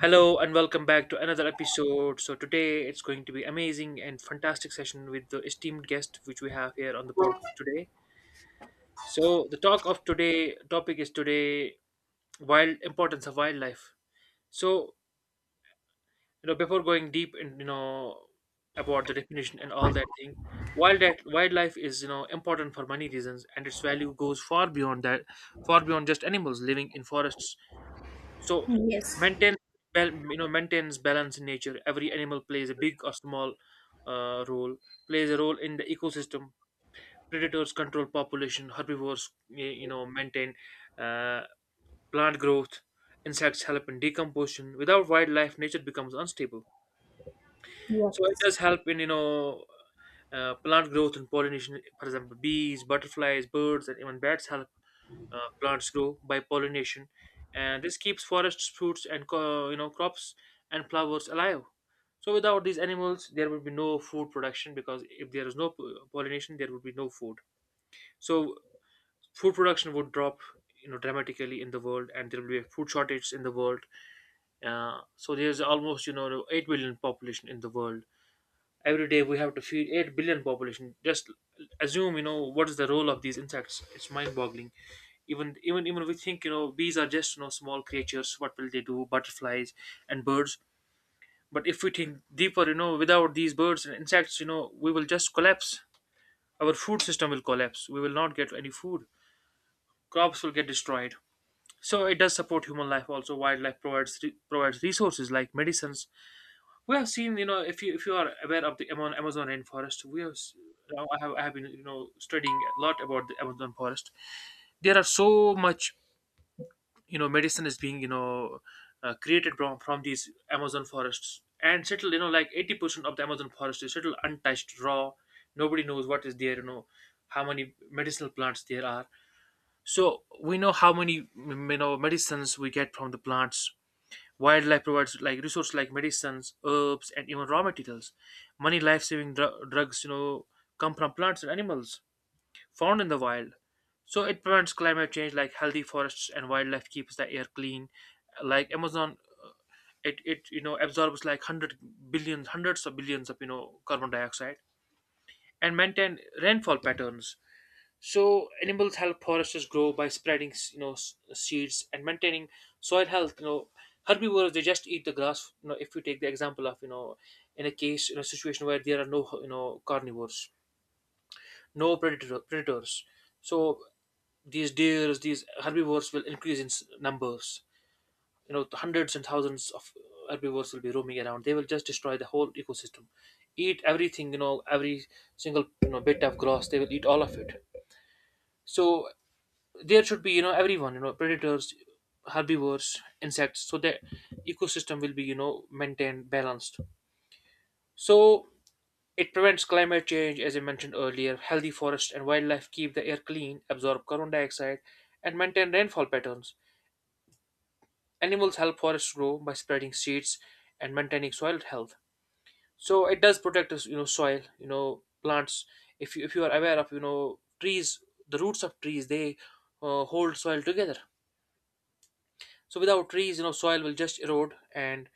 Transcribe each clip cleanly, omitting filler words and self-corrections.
Hello and welcome back to another episode. So today it's going to be amazing and fantastic session with the esteemed guest which we have here on the podcast today. So the talk of today topic is today wild importance of wildlife. So before going deep and about the definition and all that thing, wildlife is important for many reasons and its value goes far beyond that, far beyond just animals living in forests. So Yes. maintain maintains balance in nature. Every animal plays a big or small role. Plays a role in the ecosystem. Predators control population. Herbivores maintain uh, plant growth. Insects help in decomposition. Without wildlife, nature becomes unstable. So it Yes. does help in plant growth and pollination. For example, bees, butterflies, birds, and even bats help plants grow by pollination, and this keeps forests, fruits, and crops and flowers alive. So without these animals, there would be no food production because if there is no pollination, there would be no food. So food production would drop, you know, dramatically in the world, and there will be a food shortage in the world. So there's almost 8 billion population in the world, every day we have to feed 8 billion population. Just assume what is the role of these insects. It's mind boggling. Even we think, bees are just, small creatures, what will they do? Butterflies and birds. But if we think deeper, without these birds and insects, we will just collapse. Our food system will collapse, we will not get any food, crops will get destroyed. So it does support human life also. Wildlife provides provides resources like medicines. We have seen, you know, if you are aware of the Amazon rainforest, we have. Now I have been, you know, studying a lot about the Amazon forest. There are so much, you know, medicine is being, you know, created from these Amazon forests. And settled, you know, like 80% of the Amazon forest is settled untouched raw. Nobody knows what is there. You know how many medicinal plants there are. So we know how many you know medicines we get from the plants. Wildlife provides like resources like medicines, herbs, and even raw materials. Many life-saving drugs, you know, come from plants and animals found in the wild. So it prevents climate change. Like healthy forests and wildlife keeps the air clean. Like Amazon, uh, it you know absorbs like hundred billions, hundreds of billions of, you know, carbon dioxide, and maintain rainfall patterns. So animals help foresters grow by spreading, seeds and maintaining soil health. You know, herbivores they just eat the grass. You know, if you take the example of, you know, in a situation where there are no, you know, carnivores, no predators, so these deers, these herbivores will increase in numbers. You know, hundreds and thousands of herbivores will be roaming around. They will just destroy the whole ecosystem, eat everything. You know, every single, you know, bit of grass, they will eat all of it. So there should be, you know, everyone, you know, predators, herbivores, insects, so the ecosystem will be, you know, maintained balanced. So it prevents climate change, as I mentioned earlier. Healthy forests and wildlife keep the air clean, absorb carbon dioxide, and maintain rainfall patterns. Animals help forests grow by spreading seeds and maintaining soil health. So it does protect us, you know, soil, you know, plants. If you are aware of, you know, trees, the roots of trees, they hold soil together. So without trees, you know, soil will just erode, and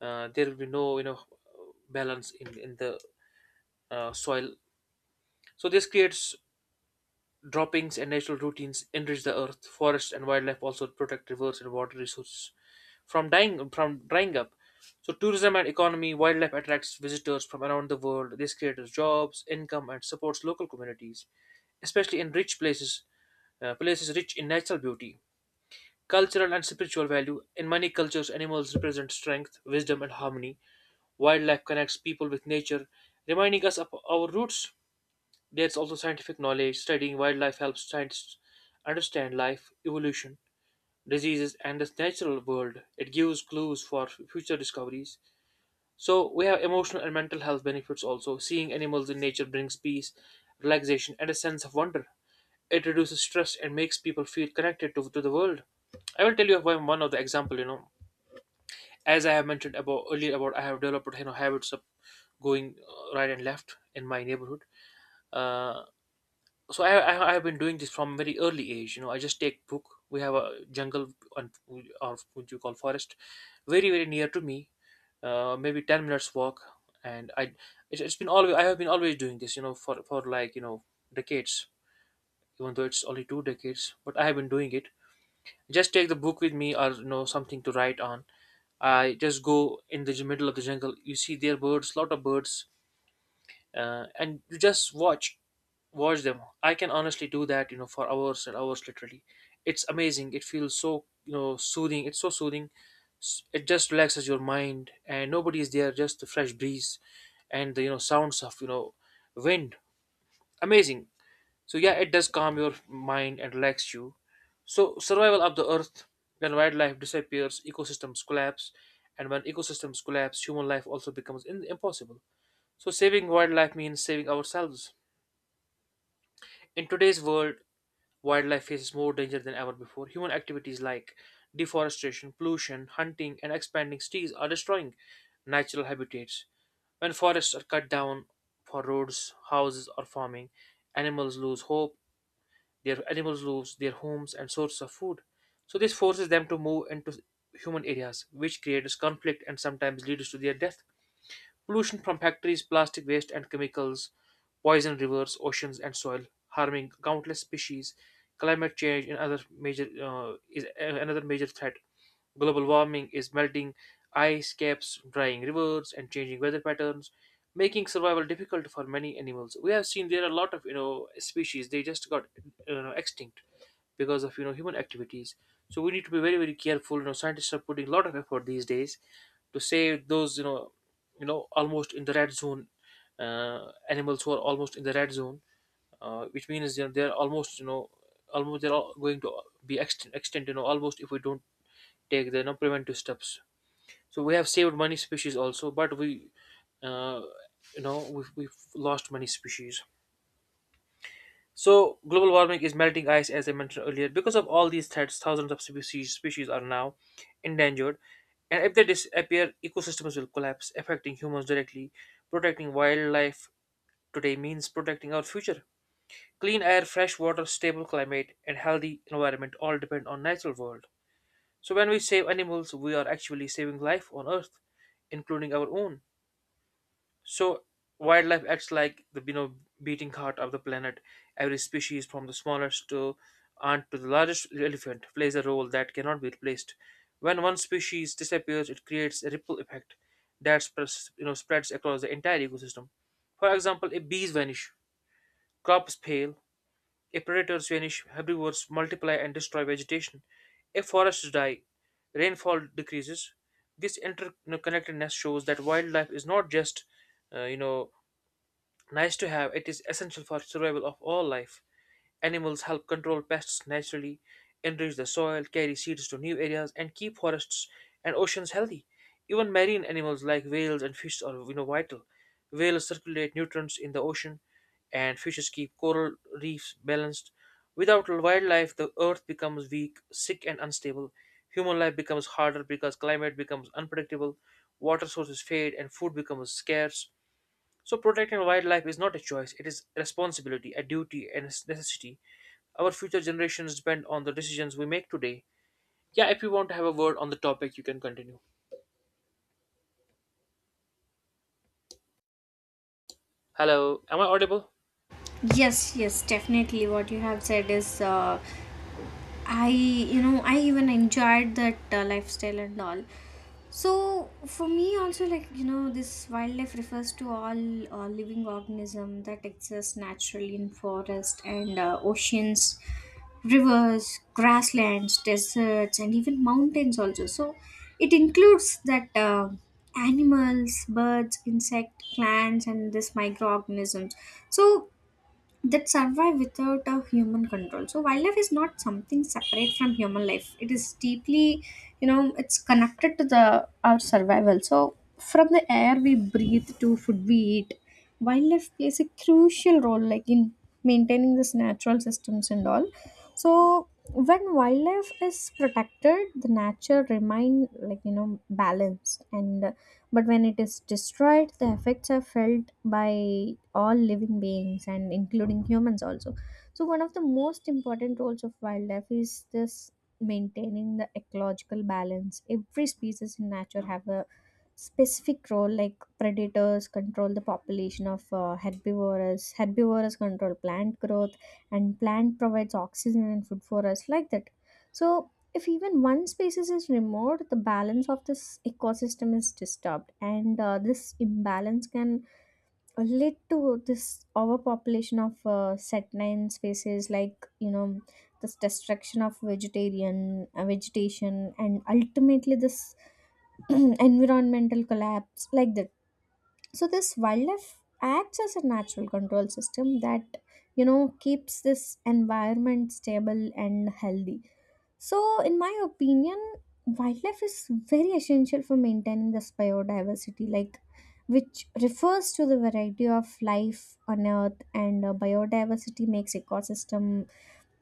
there will be no, you know, balance in the soil. So this creates droppings and natural routines enrich the earth. Forests and wildlife also protect rivers and water resources from dying, from drying up. So tourism and economy, wildlife attracts visitors from around the world. This creates jobs, income, and supports local communities, especially in rich places, places rich in natural beauty. Cultural and spiritual value. In many cultures, animals represent strength, wisdom, and harmony. Wildlife connects people with nature, reminding us of our roots. There's also scientific knowledge. Studying wildlife helps scientists understand life, evolution, diseases, and the natural world. It gives clues for future discoveries. So, we have emotional and mental health benefits also. Seeing animals in nature brings peace, relaxation, and a sense of wonder. It reduces stress and makes people feel connected to the world. I will tell you of one of the example, you know, as I have mentioned about earlier, about I have developed, you know, habits of going right and left in my neighborhood. Uh, so I have been doing this from very early age. You know, I just take book. We have a jungle and or what you call forest, very very near to me, maybe 10 minutes walk. And I, it's been always I have been always doing this. You know, for like, you know, decades. Even though it's only two decades, but I have been doing it. Just take the book with me or, you know, something to write on. I just go in the middle of the jungle. You see there birds, lot of birds, and you just watch them. I can honestly do that, you know, for hours and hours, literally. It's amazing. It feels so, you know, soothing. It's so soothing. It just relaxes your mind, and nobody is there. Just the fresh breeze, and the, you know, sounds of, you know, wind. Amazing. So yeah, it does calm your mind and relax you. So survival of the earth, when wildlife disappears, ecosystems collapse, and when ecosystems collapse, human life also becomes impossible. So saving wildlife means saving ourselves. In today's world, wildlife faces more danger than ever before. Human activities like deforestation, pollution, hunting, and expanding cities are destroying natural habitats. When forests are cut down for roads, houses, or farming, animals lose hope animals lose their homes and sources of food. So this forces them to move into human areas, which creates conflict and sometimes leads to their death. Pollution from factories, plastic waste, and chemicals poison rivers, oceans, and soil, harming countless species. Climate change and other major is a- another major threat. Global warming is melting ice caps, drying rivers, and changing weather patterns, making survival difficult for many animals. We have seen there are a lot of, you know, species they just got, you know, extinct because of, you know, human activities. So we need to be very very careful. You know, scientists are putting a lot of effort these days to save those, almost in the red zone, animals who are almost in the red zone, which means, you know, they're almost, you know, almost they're all going to be extinct, you know, almost, if we don't take the, you know, preventive steps. So we have saved many species also, but we, uh, you know, we've lost many species. So global warming is melting ice, as I mentioned earlier. Because of all these threats, thousands of species are now endangered, and if they disappear, ecosystems will collapse, affecting humans directly. Protecting wildlife today means protecting our future. Clean air, fresh water, stable climate, and healthy environment all depend on natural world. So when we save animals, we are actually saving life on Earth, including our own. So wildlife acts like the, you know, beating heart of the planet. Every species, from the smallest to ant to the largest elephant, plays a role that cannot be replaced. When one species disappears, it creates a ripple effect that spreads, you know, spreads across the entire ecosystem. For example, if bees vanish, crops fail. If predators vanish, herbivores multiply and destroy vegetation. If forests die, rainfall decreases. This interconnectedness shows that wildlife is not just, you know, nice to have, it is essential for survival of all life. Animals help control pests naturally, enrich the soil, carry seeds to new areas, and keep forests and oceans healthy. Even marine animals like whales and fish are, you know, vital. Whales circulate nutrients in the ocean, and fishes keep coral reefs balanced. Without wildlife, the earth becomes weak, sick, and unstable. Human life becomes harder because climate becomes unpredictable, water sources fade, and food becomes scarce. So, protecting wildlife is not a choice, it is a responsibility, a duty, and a necessity. Our future generations depend on the decisions we make today. Yeah, if you want to have a word on the topic, you can continue. Hello, am I audible? Yes, yes, definitely. What you have said is I, I even enjoyed that lifestyle and all. So for me also this wildlife refers to all living organism that exists naturally in forest and oceans, rivers, grasslands, deserts and even mountains also. So it includes that animals, birds, insect, plants and this microorganisms. So that survive without a human control. So wildlife is not something separate from human life, it is deeply, it's connected to the our survival. So from the air we breathe to food we eat, wildlife plays a crucial role like in maintaining this natural systems and all. So when wildlife is protected, the nature remain like balanced, and but when it is destroyed, the effects are felt by all living beings and including humans also. So, one of the most important roles of wildlife is this maintaining the ecological balance. Every species in nature have a specific role like predators control the population of herbivores, control plant growth, and plant provides oxygen and food for us like that. So if even one species is removed, the balance of this ecosystem is disturbed, and this imbalance can lead to this overpopulation of set species, this destruction of vegetarian vegetation, and ultimately this environmental collapse like that. So this wildlife acts as a natural control system that keeps this environment stable and healthy. So, in my opinion, wildlife is very essential for maintaining this biodiversity, like which refers to the variety of life on Earth, and biodiversity makes ecosystem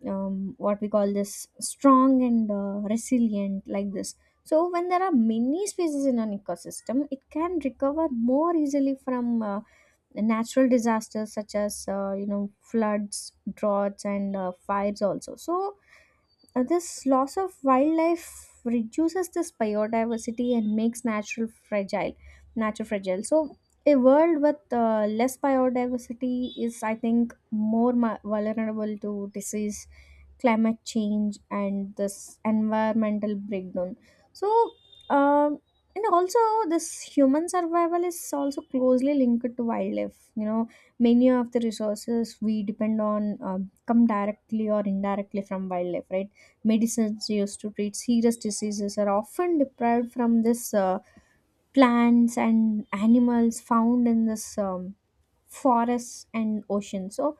what we call this strong and resilient, like this. So, when there are many species in an ecosystem, it can recover more easily from natural disasters such as floods, droughts, and fires also. So, this loss of wildlife reduces this biodiversity and makes natural fragile nature fragile. So a world with less biodiversity is I think vulnerable to disease, climate change, and this environmental breakdown. So um, and also this human survival is also closely linked to wildlife, many of the resources we depend on come directly or indirectly from wildlife, right? Medicines used to treat serious diseases are often deprived from this plants and animals found in this forests and oceans. So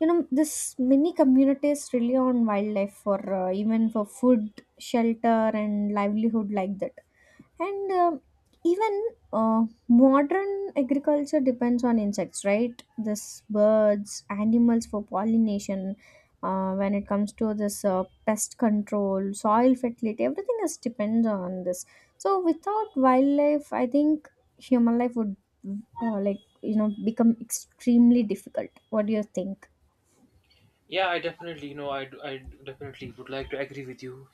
this many communities rely on wildlife for even for food, shelter, and livelihood like that. And even modern agriculture depends on insects, right? This birds, animals for pollination. When it comes to this pest control, soil fertility, everything is depends on this. So without wildlife, I think human life would like become extremely difficult. What do you think? Yeah, I definitely, I definitely would like to agree with you.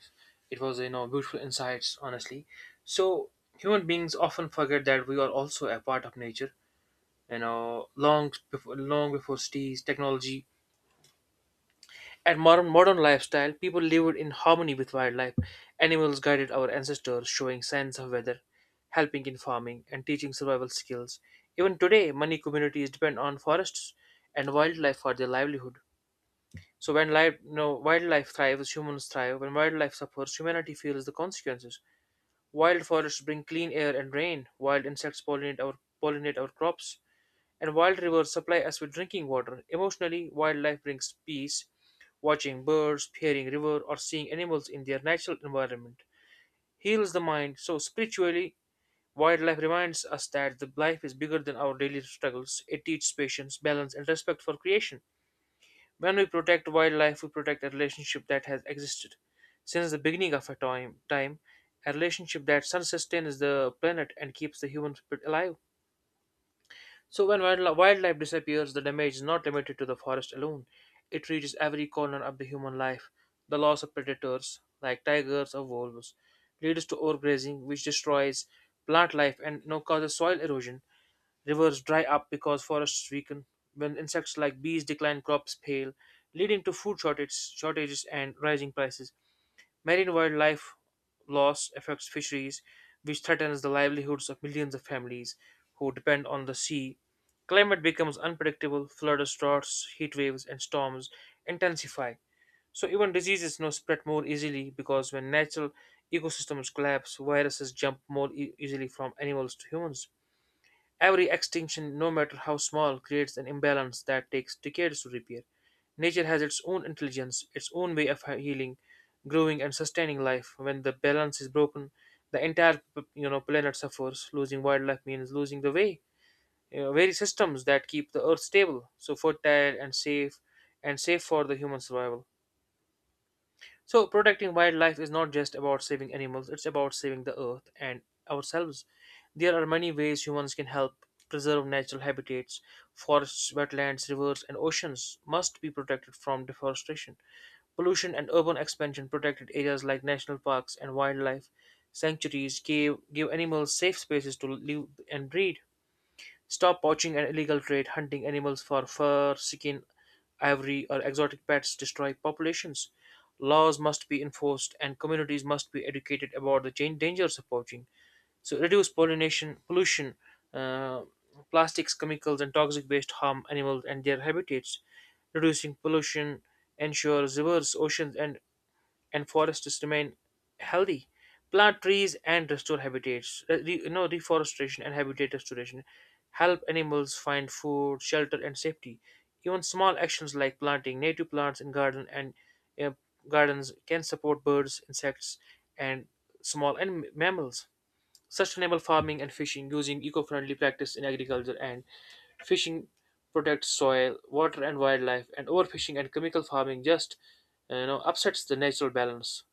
It was, beautiful insights, honestly. So, human beings often forget that we are also a part of nature. You know, long before cities, technology, at modern lifestyle, people lived in harmony with wildlife. Animals guided our ancestors, showing signs of weather, helping in farming, and teaching survival skills. Even today, many communities depend on forests and wildlife for their livelihood. So when life, wildlife thrives, humans thrive. When wildlife suffers, humanity feels the consequences. Wild forests bring clean air and rain. Wild insects pollinate our crops and wild rivers supply us with drinking water. Emotionally, wildlife brings peace. Watching birds, hearing river, or seeing animals in their natural environment heals the mind. So spiritually, wildlife reminds us that the life is bigger than our daily struggles. It teaches patience, balance, and respect for creation. When we protect wildlife, we protect a relationship that has existed since the beginning of a time, a relationship that sustains the planet and keeps the human spirit alive. So when wildlife disappears, the damage is not limited to the forest alone. It reaches every corner of the human life. The loss of predators like tigers or wolves leads to overgrazing, which destroys plant life and, you know, causes soil erosion. Rivers dry up because forests weaken. When insects like bees decline, crops fail, leading to food shortages and rising prices. Marine wildlife loss affects fisheries, which threatens the livelihoods of millions of families who depend on the sea. Climate becomes unpredictable, floods, droughts, heat waves, and storms intensify. So, even diseases now spread more easily because when natural ecosystems collapse, viruses jump easily from animals to humans. Every extinction, no matter how small, creates an imbalance that takes decades to repair. Nature has its own intelligence, its own way of healing, growing, and sustaining life. When the balance is broken, the entire planet suffers. Losing wildlife means losing the way, you know, very systems that keep the earth stable, so fertile and safe for the human survival. So, protecting wildlife is not just about saving animals, it's about saving the earth and ourselves. There are many ways humans can help preserve natural habitats. Forests, wetlands, rivers, and oceans must be protected from deforestation. Pollution and urban expansion protected areas like national parks and wildlife sanctuaries give animals safe spaces to live and breed. Stop poaching and illegal trade, hunting animals for fur, skin, ivory, or exotic pets destroy populations. Laws must be enforced and communities must be educated about the dangers of poaching. So, reduce pollination, pollution, uh, plastics, chemicals, and toxic waste harm animals and their habitats. Reducing pollution ensures rivers, oceans, and forests remain healthy. Plant trees and restore habitats. Reforestation and habitat restoration help animals find food, shelter, and safety. Even small actions like planting native plants in garden and uh, gardens can support birds, insects, and small and mammals. Sustainable farming and fishing using eco-friendly practice in agriculture and fishing protects soil, water, and wildlife. And overfishing and chemical farming just upsets the natural balance.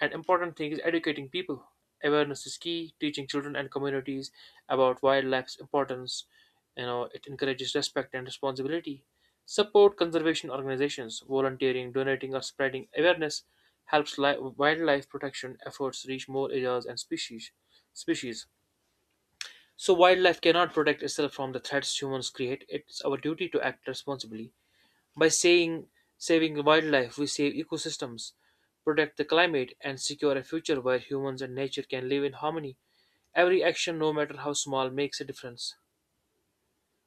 An important thing is educating people. Awareness is key. Teaching children and communities about wildlife's importance, you know, it encourages respect and responsibility. Support conservation organizations, volunteering, donating, or spreading awareness helps wildlife protection efforts reach more areas and species. Species. So wildlife cannot protect itself from the threats humans create. It's our duty to act responsibly. By saying saving wildlife, we save ecosystems, protect the climate, and secure a future where humans and nature can live in harmony. Every action, no matter how small, makes a difference.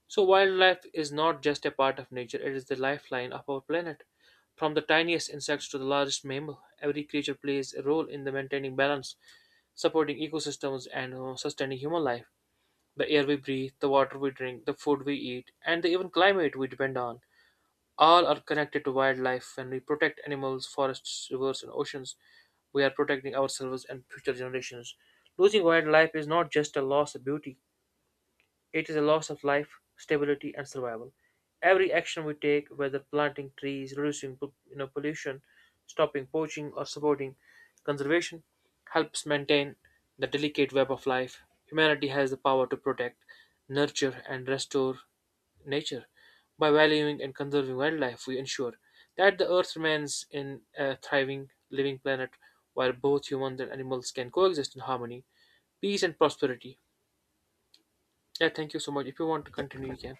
So, wildlife is not just a part of nature, it is the lifeline of our planet. From the tiniest insects to the largest mammal, every creature plays a role in the maintaining balance, supporting ecosystems, and sustaining human life. The air we breathe, the water we drink, the food we eat, and the even climate we depend on all are connected to wildlife. When we protect animals, forests, rivers, and oceans, we are protecting ourselves and future generations. Losing wildlife is not just a loss of beauty, it is a loss of life, stability, and survival. Every action we take, whether planting trees, reducing pollution, stopping poaching, or supporting conservation, helps maintain the delicate web of life. Humanity has the power to protect, nurture, and restore nature. By valuing and conserving wildlife, we ensure that the Earth remains in a thriving, living planet where both humans and animals can coexist in harmony, peace, and prosperity. Yeah, thank you so much. If you want to continue, you can.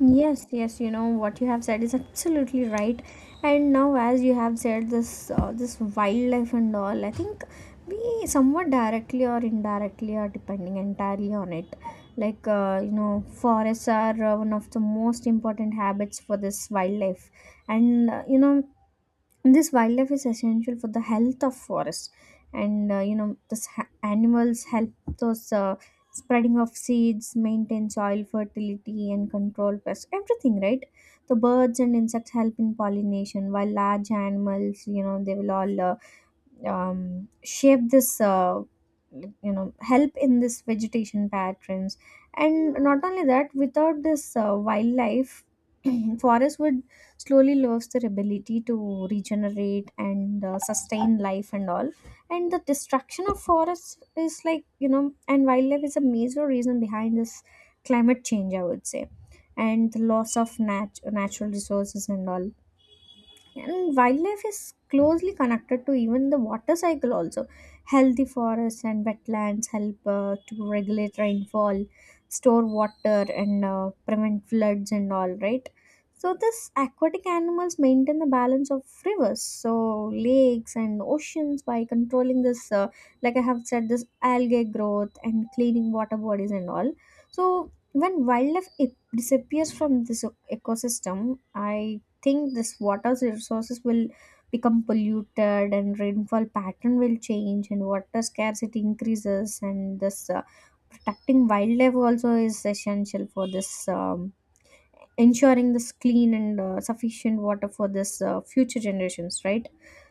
Yes, yes, what you have said is absolutely right. And now, as you have said, this this wildlife and all, I think we somewhat directly or indirectly are depending entirely on it. Like, forests are one of the most important habits for this wildlife, and and this wildlife is essential for the health of forests. And this animals help those spreading of seeds, maintain soil fertility, and control pests, everything, right? The birds and insects help in pollination, while large animals, they will all shape this help in this vegetation patterns. And not only that, without this wildlife, forest would slowly lose their ability to regenerate and sustain life and all. And the destruction of forests is like and wildlife is a major reason behind this climate change, I would say, and the loss of natural resources and all. And wildlife is closely connected to even the water cycle also. Healthy forests and wetlands help to regulate rainfall, store water, and prevent floods and all, right? So this aquatic animals maintain the balance of rivers, so lakes and oceans, by controlling this like I have said, this algae growth and cleaning water bodies and all. So when wildlife disappears from this ecosystem, I think this water resources will become polluted, and rainfall pattern will change, and water scarcity increases. And this protecting wildlife also is essential for this um, ensuring this clean and sufficient water for this future generations, right?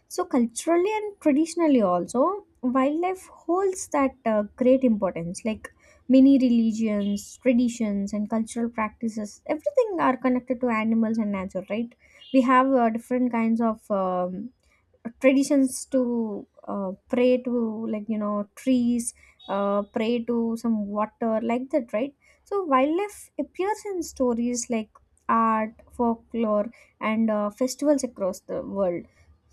So culturally and traditionally also, wildlife holds that great importance, like many religions, traditions, and cultural practices, everything are connected to animals and nature, right? We have different kinds of traditions to pray to like trees, pray to some water like that, right? So wildlife appears in stories like art, folklore, and festivals across the world.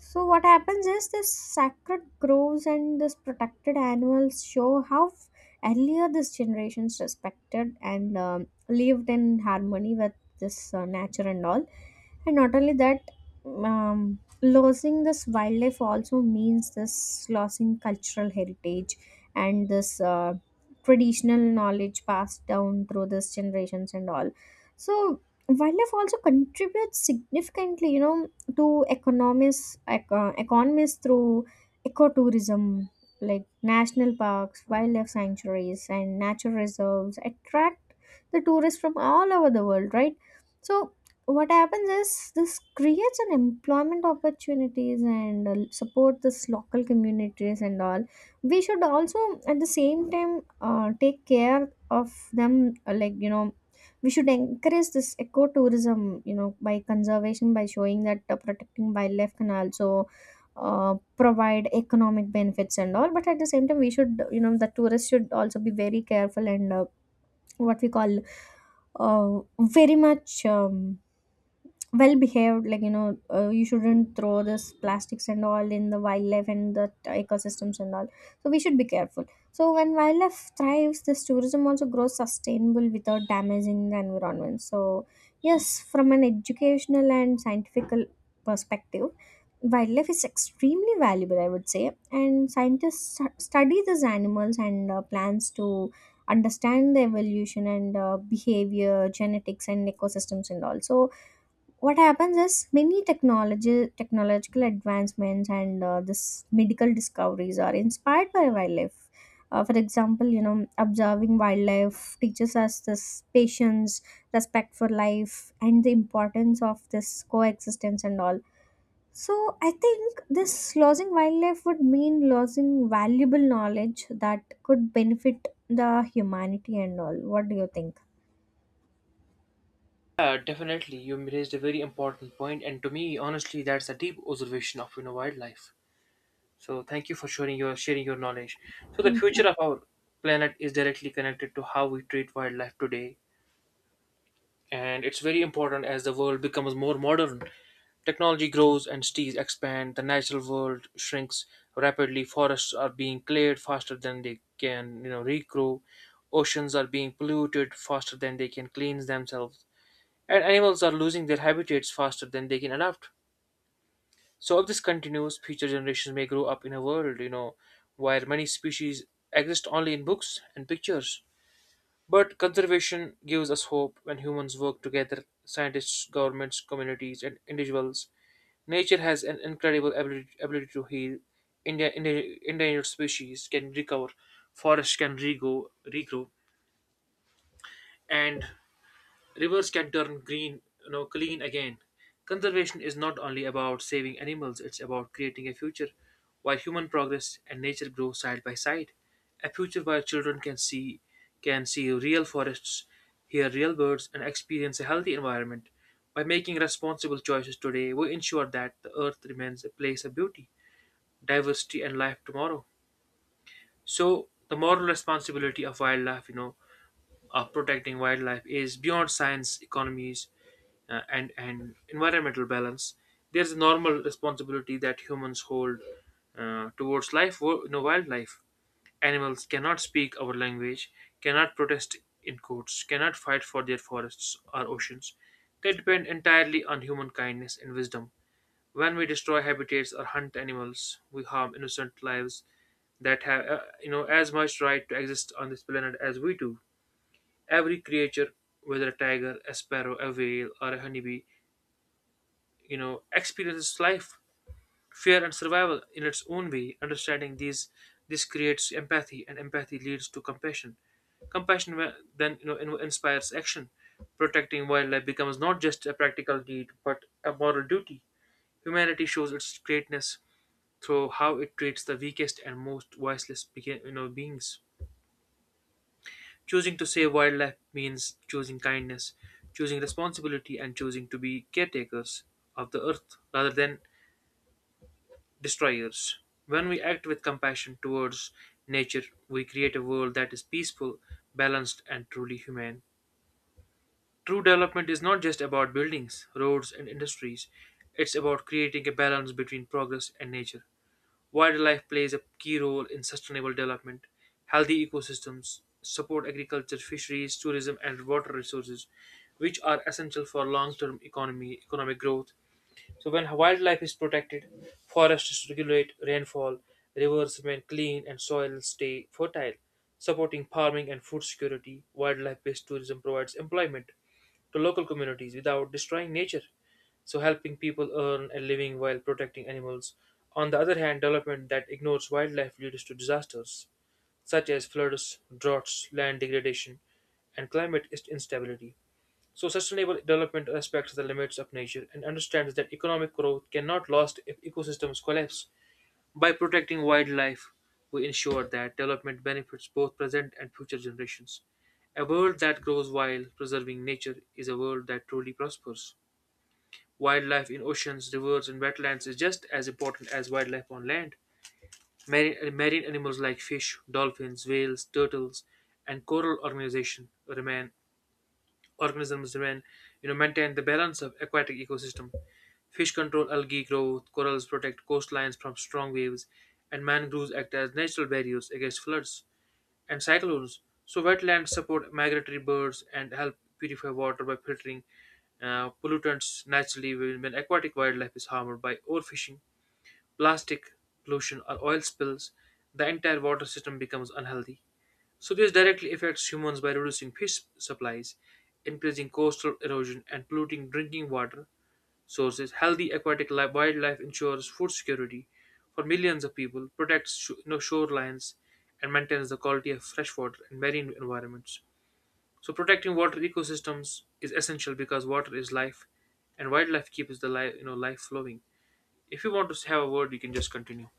So what happens is this sacred groves and this protected animals show how earlier this generations respected and lived in harmony with this nature and all. And not only that, um, losing this wildlife also means this losing cultural heritage and this traditional knowledge passed down through these generations and all. So wildlife also contributes significantly, to economies through ecotourism, like national parks, wildlife sanctuaries, and nature reserves attract the tourists from all over the world, right? So what happens is this creates an employment opportunities and support this local communities and all. We should also at the same time take care of them, we should encourage this ecotourism, by conservation, by showing that protecting wildlife can also provide economic benefits and all. But at the same time, we should, the tourists should also be very careful and what we call very much well behaved, like you shouldn't throw this plastics and all in the wildlife and the ecosystems and all. So we should be careful. So when wildlife thrives, this tourism also grows sustainable without damaging the environment. So yes, from an educational and scientific perspective, wildlife is extremely valuable, I would say. And scientists study these animals and plants to understand the evolution and behavior, genetics, and ecosystems and all. So what happens is many technology technological advancements and this medical discoveries are inspired by wildlife. Uh, for example, observing wildlife teaches us this patience, respect for life, and the importance of this coexistence and all. So I think this losing wildlife would mean losing valuable knowledge that could benefit the humanity and all. What do you think? Yeah, definitely. You raised a very important point, and to me, honestly, that's a deep observation of, you know, wildlife. So thank you for sharing your knowledge. So the future of our planet is directly connected to how we treat wildlife today and it's very important as the world becomes more modern. Technology grows and cities expand, the natural world shrinks rapidly, forests are being cleared faster than they can, you know, regrow, oceans are being polluted faster than they can cleanse themselves, and animals are losing their habitats faster than they can adapt. So if this continues, future generations may grow up in a world, you know, where many species exist only in books and pictures. But conservation gives us hope when humans work together scientists, governments, communities, and individuals. Nature has an incredible ability to heal. Endangered species can recover, forests can regrow, and rivers can turn green, you know, clean again. Conservation is not only about saving animals, it's about creating a future where human progress and nature grow side by side. A future where children can see real forests, hear real birds, and experience a healthy environment. By making responsible choices today, we ensure that the earth remains a place of beauty, diversity, and life tomorrow. So, the moral responsibility of wildlife, you know, of protecting wildlife is beyond science, economies, and environmental balance. There's a normal responsibility that humans hold towards life, wildlife. Animals cannot speak our language, cannot protest in courts, cannot fight for their forests or oceans. They depend entirely on human kindness and wisdom. When we destroy habitats or hunt animals, we harm innocent lives that have, you know, as much right to exist on this planet as we do every creature, whether a tiger, a sparrow, a whale, or a honeybee, you know, experiences life, fear, and survival in its own way. Understanding these, this creates empathy, and empathy leads to compassion. Compassion then, you know, inspires action. Protecting wildlife becomes not just a practical need but a moral duty. Humanity shows its greatness through how it treats the weakest and most voiceless beings. Choosing to save wildlife means choosing kindness, choosing responsibility, and choosing to be caretakers of the earth rather than destroyers. When we act with compassion towards nature, we create a world that is peaceful, balanced, and truly humane. True development is not just about buildings, roads, and industries, it's about creating a balance between progress and nature. Wildlife plays a key role in sustainable development. Healthy ecosystems support agriculture, fisheries, tourism, and water resources, which are essential for long-term economy economic growth. So when wildlife is protected, forests regulate rainfall, rivers remain clean, and soils stay fertile, supporting farming and food security. Wildlife-based tourism provides employment to local communities without destroying nature, so helping people earn a living while protecting animals. On the other hand, development that ignores wildlife leads to disasters such as floods, droughts, land degradation, and climate instability. So sustainable development respects the limits of nature and understands that economic growth cannot last if ecosystems collapse. By protecting wildlife, we ensure that development benefits both present and future generations. A world that grows while preserving nature is a world that truly prospers. Wildlife in oceans, rivers, and wetlands is just as important as wildlife on land. Marine animals like fish, dolphins, whales, turtles, and coral organization remain organisms remain, you know, maintain the balance of aquatic ecosystem. Fish control algae growth, corals protect coastlines from strong waves, and mangroves act as natural barriers against floods and cyclones. So wetlands support migratory birds and help purify water by filtering pollutants naturally when aquatic wildlife is harmed by overfishing plastic pollution, or oil spills, the entire water system becomes unhealthy. So, this directly affects humans by reducing fish supplies, increasing coastal erosion, and polluting drinking water sources. Healthy aquatic wildlife ensures food security for millions of people, protects shorelines, and maintains the quality of fresh water and marine environments. So, protecting water ecosystems is essential because water is life, and wildlife keeps the life, you know, life flowing. If you want to have a word, you can just continue.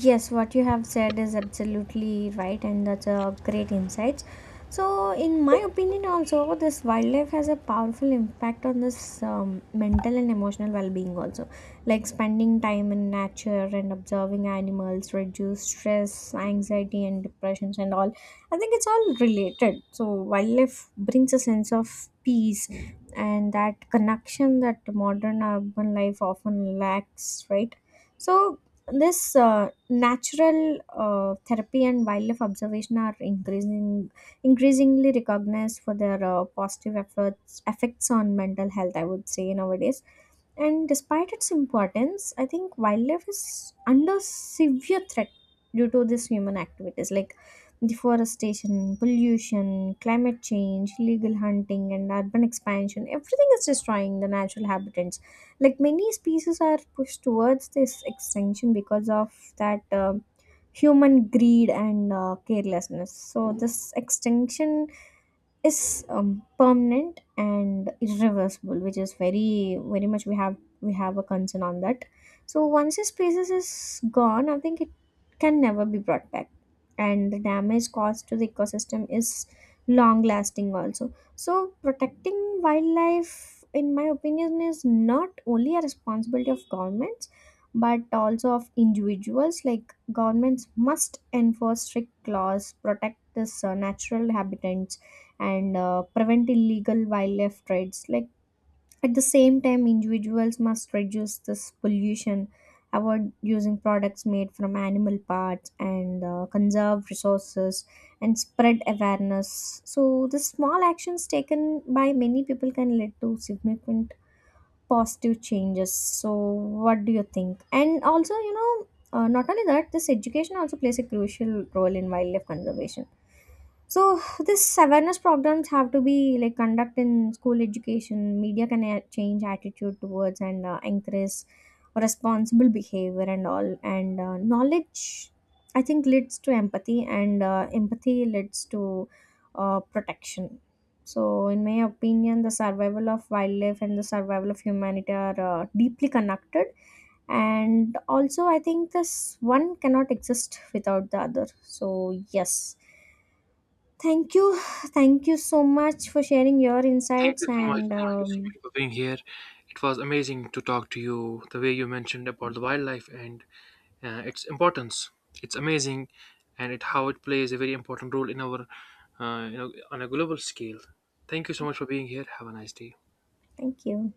Yes, what you have said is absolutely right, and that's a great insight. So, in my opinion, also this wildlife has a powerful impact on this mental and emotional well-being. Also, like spending time in nature and observing animals reduce stress, anxiety, and depressions, and all. I think it's all related. So, wildlife brings a sense of peace and that connection that modern urban life often lacks. Right. So, this natural therapy and wildlife observation are increasingly recognized for their positive efforts effects on mental health, I would say, nowadays. And despite its importance, I think wildlife is under severe threat due to this human activities like deforestation, pollution, climate change, illegal hunting, and urban expansion. Everything is destroying the natural habitats. Like many species are pushed towards this extinction because of that human greed and carelessness. So this extinction is permanent and irreversible, which is very very much, we have a concern on that. So once this species is gone, I think it can never be brought back, and the damage caused to the ecosystem is long lasting also. So protecting wildlife, in my opinion, is not only a responsibility of governments but also of individuals. Like governments must enforce strict laws, protect this natural habitats, and prevent illegal wildlife trades. Like at the same time, individuals must reduce this pollution, avoid using products made from animal parts, and conserve resources and spread awareness. So the small actions taken by many people can lead to significant positive changes. So what do you think? And also, not only that, this education also plays a crucial role in wildlife conservation. So this awareness programs have to be like conduct in school education, media can change attitude towards and encourage responsible behavior and all. And knowledge, I think, leads to empathy, and empathy leads to protection. So, in my opinion, the survival of wildlife and the survival of humanity are deeply connected. And also, I think this one cannot exist without the other. So, yes. Thank you. Thank you so much for sharing your Thank insights. you so much. And Thank you so much for being here. It was amazing to talk to you. The way you mentioned about the wildlife and its importance, it's amazing, and it how it plays a very important role in our, you know, on a global scale. Thank you so much for being here. Have a nice day. thank you.